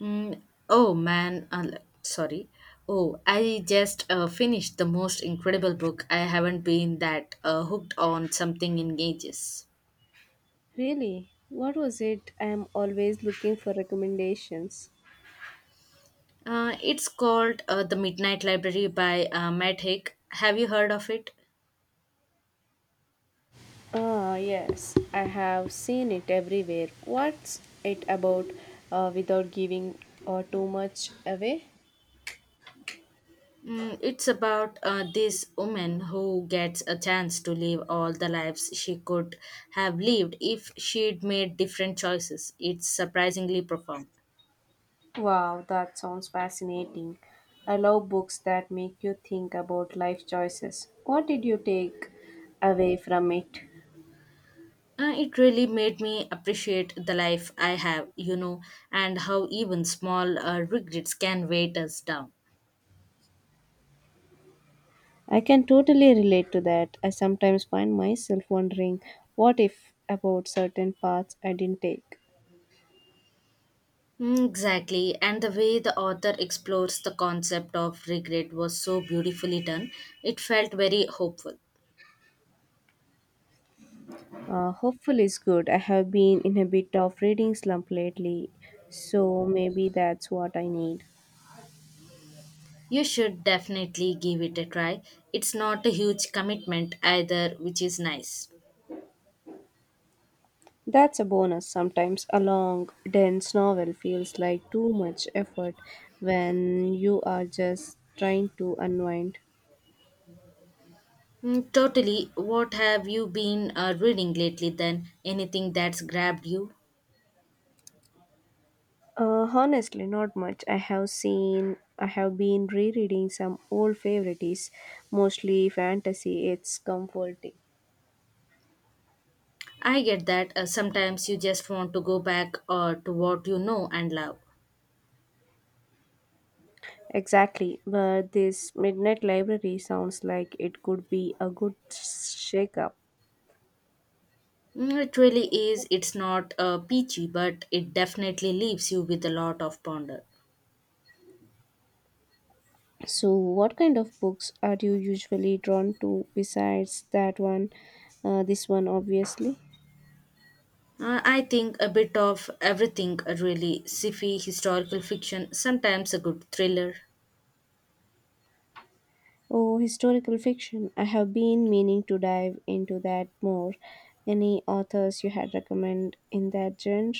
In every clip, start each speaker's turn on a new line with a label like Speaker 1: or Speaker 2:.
Speaker 1: Mm, oh man, sorry. Oh, I just finished the most incredible book. I haven't been that hooked on something in ages.
Speaker 2: Really? What was it? I am always looking for recommendations.
Speaker 1: It's called The Midnight Library by Matt Haig. Have you heard of it?
Speaker 2: Ah, yes, I have seen it everywhere. What's it about without giving too much away?
Speaker 1: It's about this woman who gets a chance to live all the lives she could have lived if she'd made different choices. It's surprisingly profound.
Speaker 2: Wow, that sounds fascinating. I love books that make you think about life choices. What did you take away from it?
Speaker 1: It really made me appreciate the life I have, you know, and how even small regrets can weigh us down.
Speaker 2: I can totally relate to that. I sometimes find myself wondering what if about certain paths I didn't take.
Speaker 1: Mm, exactly, and the way the author explores the concept of regret was so beautifully done. It felt very hopeful.
Speaker 2: Hopeful is good. I have been in a bit of reading slump lately, so maybe that's what I need.
Speaker 1: You should definitely give it a try. It's not a huge commitment either, which is nice.
Speaker 2: That's a bonus. Sometimes a long, dense novel feels like too much effort when you are just trying to unwind.
Speaker 1: Mm, totally. What have you been reading lately then? Anything that's grabbed you?
Speaker 2: Honestly, not much. I have been rereading some old favorites, mostly fantasy. It's comforting.
Speaker 1: I get that sometimes you just want to go back to what you know and love.
Speaker 2: Exactly, but this midnight library sounds like it could be a good shake-up.
Speaker 1: Mm, it really is, it's not peachy, but it definitely leaves you with a lot of ponder.
Speaker 2: So, what kind of books are you usually drawn to besides that one? This one, obviously.
Speaker 1: I think a bit of everything, really, sci-fi, historical fiction, sometimes a good thriller.
Speaker 2: Oh, historical fiction. I have been meaning to dive into that more. Any authors you had recommend in that genre?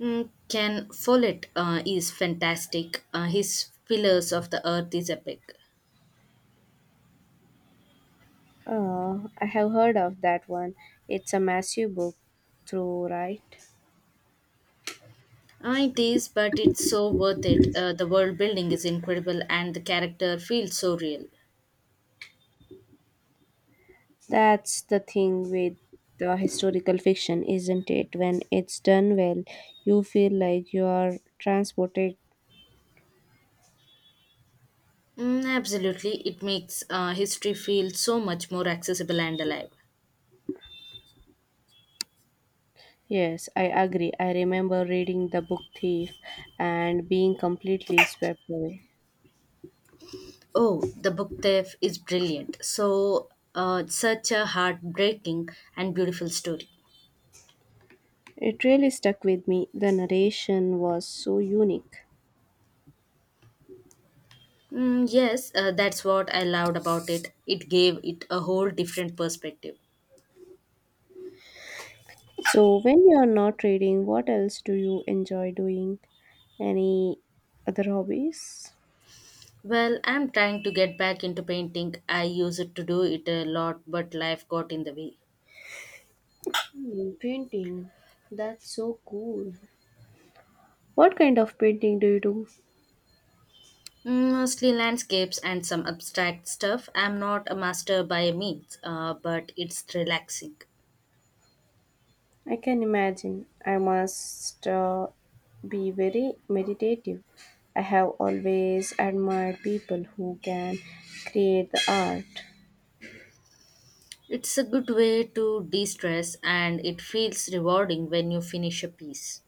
Speaker 1: Mm, Ken Follett is fantastic. His Pillars of the Earth is epic.
Speaker 2: I have heard of that one. It's a massive book, through right?
Speaker 1: It is, but it's so worth it. The world building is incredible and the character feels so real.
Speaker 2: That's the thing with the historical fiction, isn't it? When it's done well, you feel like you are transported.
Speaker 1: Mm, absolutely, it makes history feel so much more accessible and alive.
Speaker 2: Yes, I agree. I remember reading The Book Thief and being completely swept away.
Speaker 1: Oh, the book thief is brilliant. Such a heartbreaking and beautiful story.
Speaker 2: It really stuck with me. The narration was so unique.
Speaker 1: Mm, yes, that's what I loved about it. It gave it a whole different perspective.
Speaker 2: So, when you're not reading, what else do you enjoy doing? Any other hobbies?
Speaker 1: Well, I'm trying to get back into painting. I used to do it a lot, but life got in the way.
Speaker 2: Hmm, painting. That's so cool. What kind of painting do you do?
Speaker 1: Mm, mostly landscapes and some abstract stuff. I'm not a master by any means, but it's relaxing.
Speaker 2: I can imagine. I must be very meditative. I have always admired people who can create the art.
Speaker 1: It's a good way to de stress, and it feels rewarding when you finish a piece.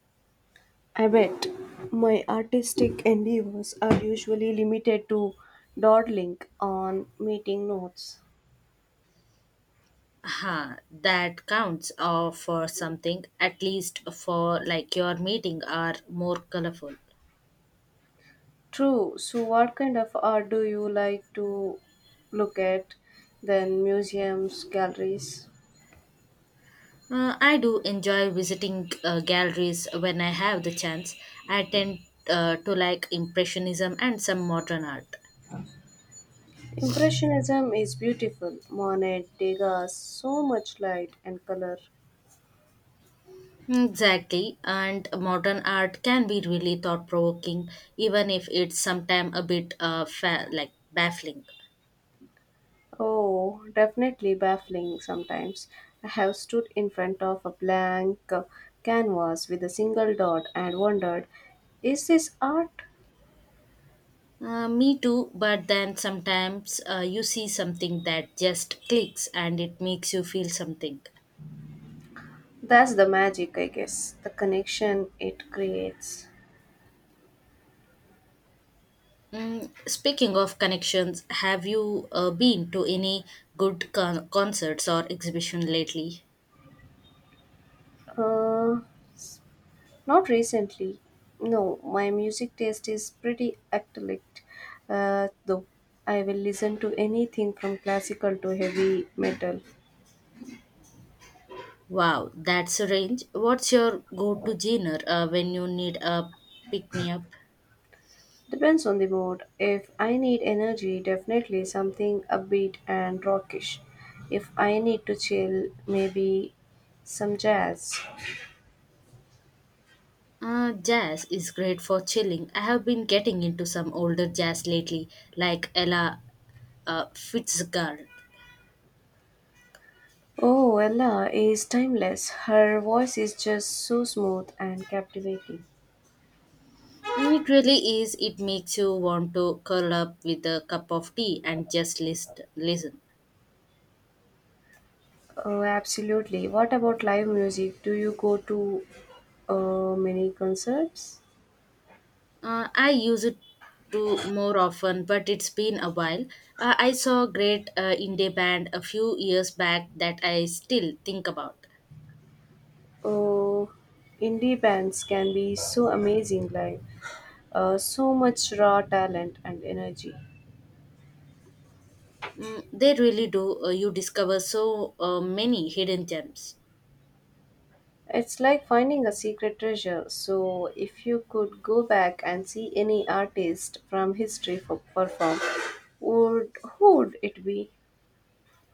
Speaker 2: I bet my artistic endeavors are usually limited to dawdling on meeting notes.
Speaker 1: Huh, that counts for something, at least for like your meeting are more colorful.
Speaker 2: True. So, what kind of art do you like to look at? Then museums, galleries.
Speaker 1: I do enjoy visiting galleries when I have the chance. I tend to like Impressionism and some modern art.
Speaker 2: Impressionism is beautiful. Monet, Degas, so much light and color.
Speaker 1: Exactly, and modern art can be really thought provoking, even if it's sometimes a bit like baffling.
Speaker 2: Oh, definitely baffling sometimes. I have stood in front of a blank canvas with a single dot and wondered, is this art?
Speaker 1: Me too, but then sometimes you see something that just clicks and it makes you feel something.
Speaker 2: That's the magic, I guess, the connection it creates.
Speaker 1: Mm, speaking of connections, have you been to any good concerts or exhibition lately?
Speaker 2: Uh, Not recently. No, my music taste is pretty eclectic, though. I will listen to anything from classical to heavy metal.
Speaker 1: Wow, that's a range. What's your go-to genre when you need a pick-me-up?
Speaker 2: Depends on the mood. If I need energy, definitely something upbeat and rockish. If I need to chill, maybe some jazz.
Speaker 1: Jazz is great for chilling. I have been getting into some older jazz lately, like Ella Fitzgerald.
Speaker 2: Oh, Ella is timeless. Her voice is just so smooth and captivating.
Speaker 1: Mm, it really is. It makes you want to curl up with a cup of tea and just listen.
Speaker 2: Oh, absolutely. What about live music? Do you go to many concerts?
Speaker 1: I use it to more often, but it's been a while. I saw a great indie band a few years back that I still think about.
Speaker 2: Oh, indie bands can be so amazing, like so much raw talent and energy.
Speaker 1: Mm, they really do. You discover so many hidden gems.
Speaker 2: It's like finding a secret treasure. So, if you could go back and see any artist from history for perform, would who would it be?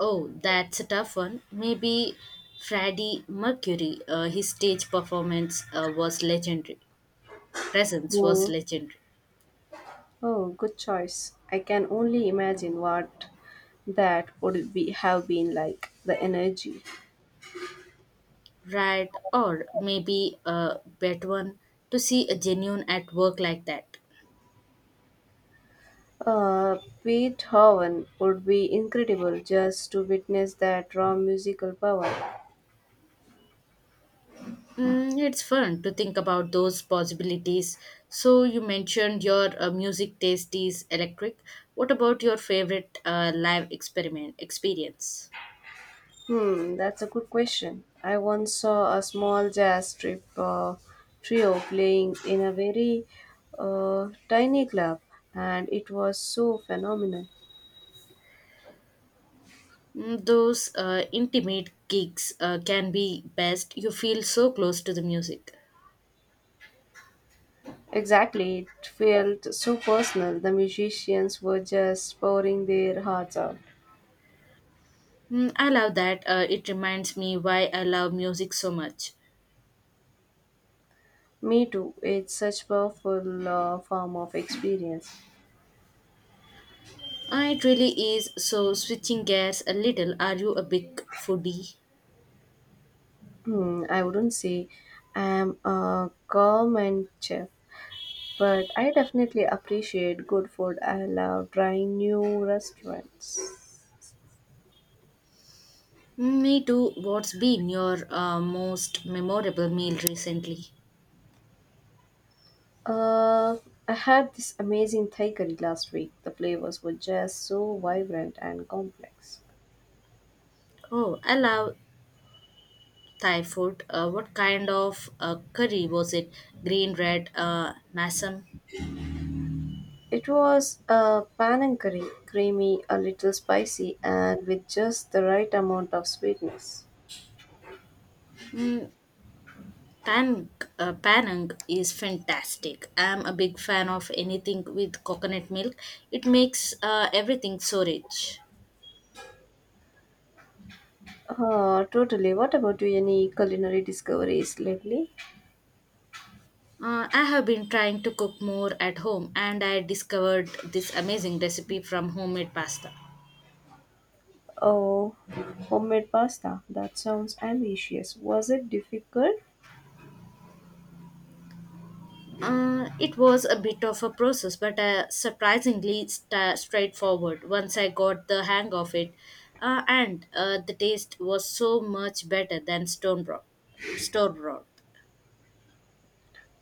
Speaker 1: Oh, that's a tough one. Maybe Freddie Mercury. His stage performance was legendary. Presence was
Speaker 2: Hmm.
Speaker 1: legendary.
Speaker 2: Oh, good choice. I can only imagine what that would be have been like the energy.
Speaker 1: Right, or maybe a bet one to see a genuine at work like that.
Speaker 2: Uh, Beethoven would be incredible just to witness that raw musical power.
Speaker 1: Mm, it's fun to think about those possibilities. So, you mentioned your music taste is electric. What about your favorite live experiment experience?
Speaker 2: Hmm, that's a good question. I once saw a small jazz trip trio playing in a very tiny club, and it was so phenomenal.
Speaker 1: Mm, those intimate gigs can be best. You feel so close to the music.
Speaker 2: Exactly, it felt so personal. The musicians were just pouring their hearts out.
Speaker 1: Mm, I love that. It reminds me why I love music so much.
Speaker 2: Me too. It's such powerful form of experience.
Speaker 1: It really is. So, switching gears a little, are you a big foodie?
Speaker 2: Hmm, I wouldn't say I'm a gourmet chef, but I definitely appreciate good food. I love trying new restaurants.
Speaker 1: Me too. What's been your most memorable meal recently?
Speaker 2: Uh, I had this amazing thai curry last week. The flavors were just so vibrant and complex.
Speaker 1: Oh, I love Thai food. What kind of curry was it? Green, red, masam?
Speaker 2: It was a panang curry, creamy, a little spicy, and with just the right amount of sweetness.
Speaker 1: Mm, pan, Panang is fantastic. I'm a big fan of anything with coconut milk. It makes everything so rich.
Speaker 2: Totally. What about you? Any culinary discoveries lately?
Speaker 1: I have been trying to cook more at home and I discovered this amazing recipe from homemade pasta.
Speaker 2: Oh, homemade pasta. That sounds ambitious. Was it difficult?
Speaker 1: It was a bit of a process, but surprisingly sta straightforward once I got the hang of it. And the taste was so much better than store broth.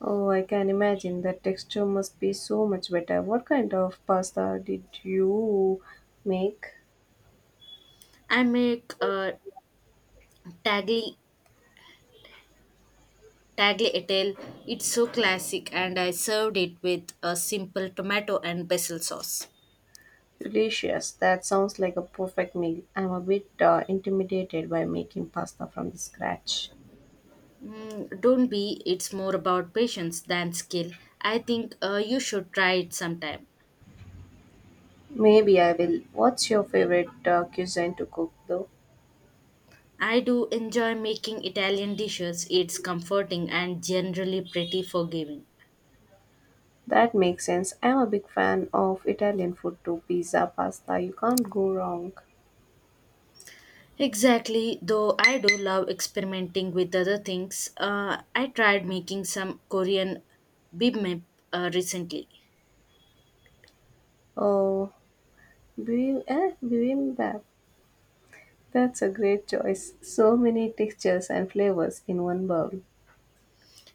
Speaker 2: Oh, I can imagine. The texture must be so much better. What kind of pasta did you make?
Speaker 1: I make tagli tagliatelle. It's so classic, and I served it with a simple tomato and basil sauce.
Speaker 2: Delicious. That sounds like a perfect meal. I'm a bit intimidated by making pasta from the scratch.
Speaker 1: Mm, don't be, it's more about patience than skill. I think you should try it sometime.
Speaker 2: Maybe I will. What's your favorite cuisine to cook though?
Speaker 1: I do enjoy making Italian dishes, it's comforting and generally pretty forgiving.
Speaker 2: That makes sense. I'm a big fan of Italian food too. Pizza, pasta, you can't go wrong.
Speaker 1: Exactly, though I do love experimenting with other things. I tried making some Korean bibimbap recently.
Speaker 2: Oh, bibimbap. That's a great choice. So many textures and flavors in one bowl.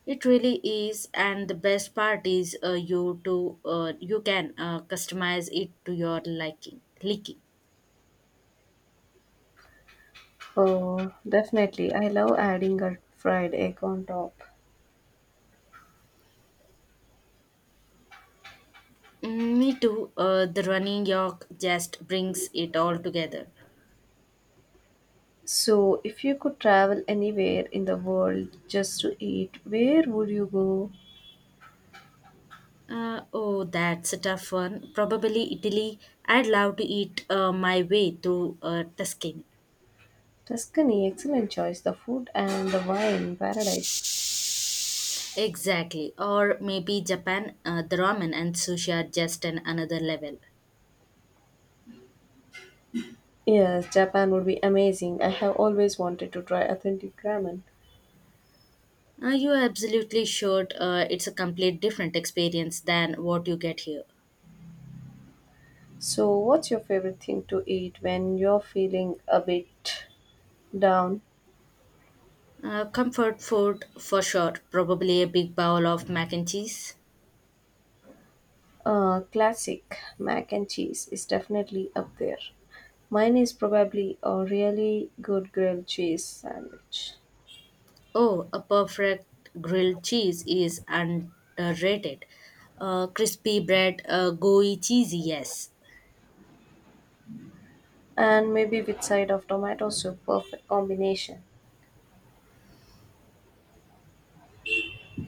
Speaker 1: It really is, and the best part is you can customize it to your liking. Liking.
Speaker 2: Oh, definitely. I love adding a fried egg on top.
Speaker 1: Mm, me too. The running York just brings it all together.
Speaker 2: So, if you could travel anywhere in the world just to eat, where would you go?
Speaker 1: Oh, that's a tough one. Probably Italy. I'd love to eat my way through Tuscany.
Speaker 2: Tuscany, excellent choice. The food and the wine, paradise.
Speaker 1: Exactly. Or maybe Japan. The ramen and sushi are just an another level.
Speaker 2: Yes, Japan would be amazing. I have always wanted to try authentic ramen.
Speaker 1: You absolutely should. It's a complete different experience than what you get here.
Speaker 2: So, what's your favorite thing to eat when you're feeling a bit down?
Speaker 1: Comfort food for sure. Probably a big bowl of mac and cheese.
Speaker 2: Classic mac and cheese is definitely up there. Mine is probably a really good grilled cheese sandwich.
Speaker 1: Oh, a perfect grilled cheese is underrated. Crispy bread, gooey cheesy, yes.
Speaker 2: And maybe with side of tomato soup, perfect combination.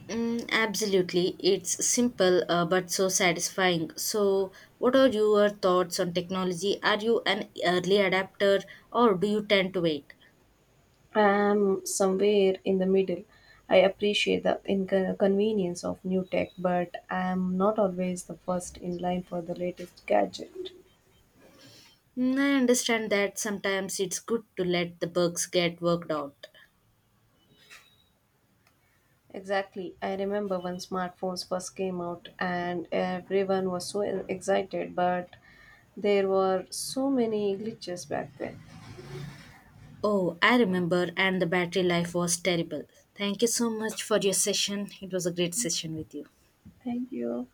Speaker 1: Mm, absolutely. It's simple but so satisfying. So, what are your thoughts on technology? Are you an early adapter or do you tend to wait?
Speaker 2: I am somewhere in the middle. I appreciate the inconvenience of new tech, but I am not always the first in line for the latest gadget.
Speaker 1: Mm, I understand that sometimes it's good to let the bugs get worked out.
Speaker 2: Exactly. I remember when smartphones first came out and everyone was so excited, but there were so many glitches back then.
Speaker 1: Oh, I remember, and the battery life was terrible. Thank you so much for your session. It was a great session with you.
Speaker 2: Thank you.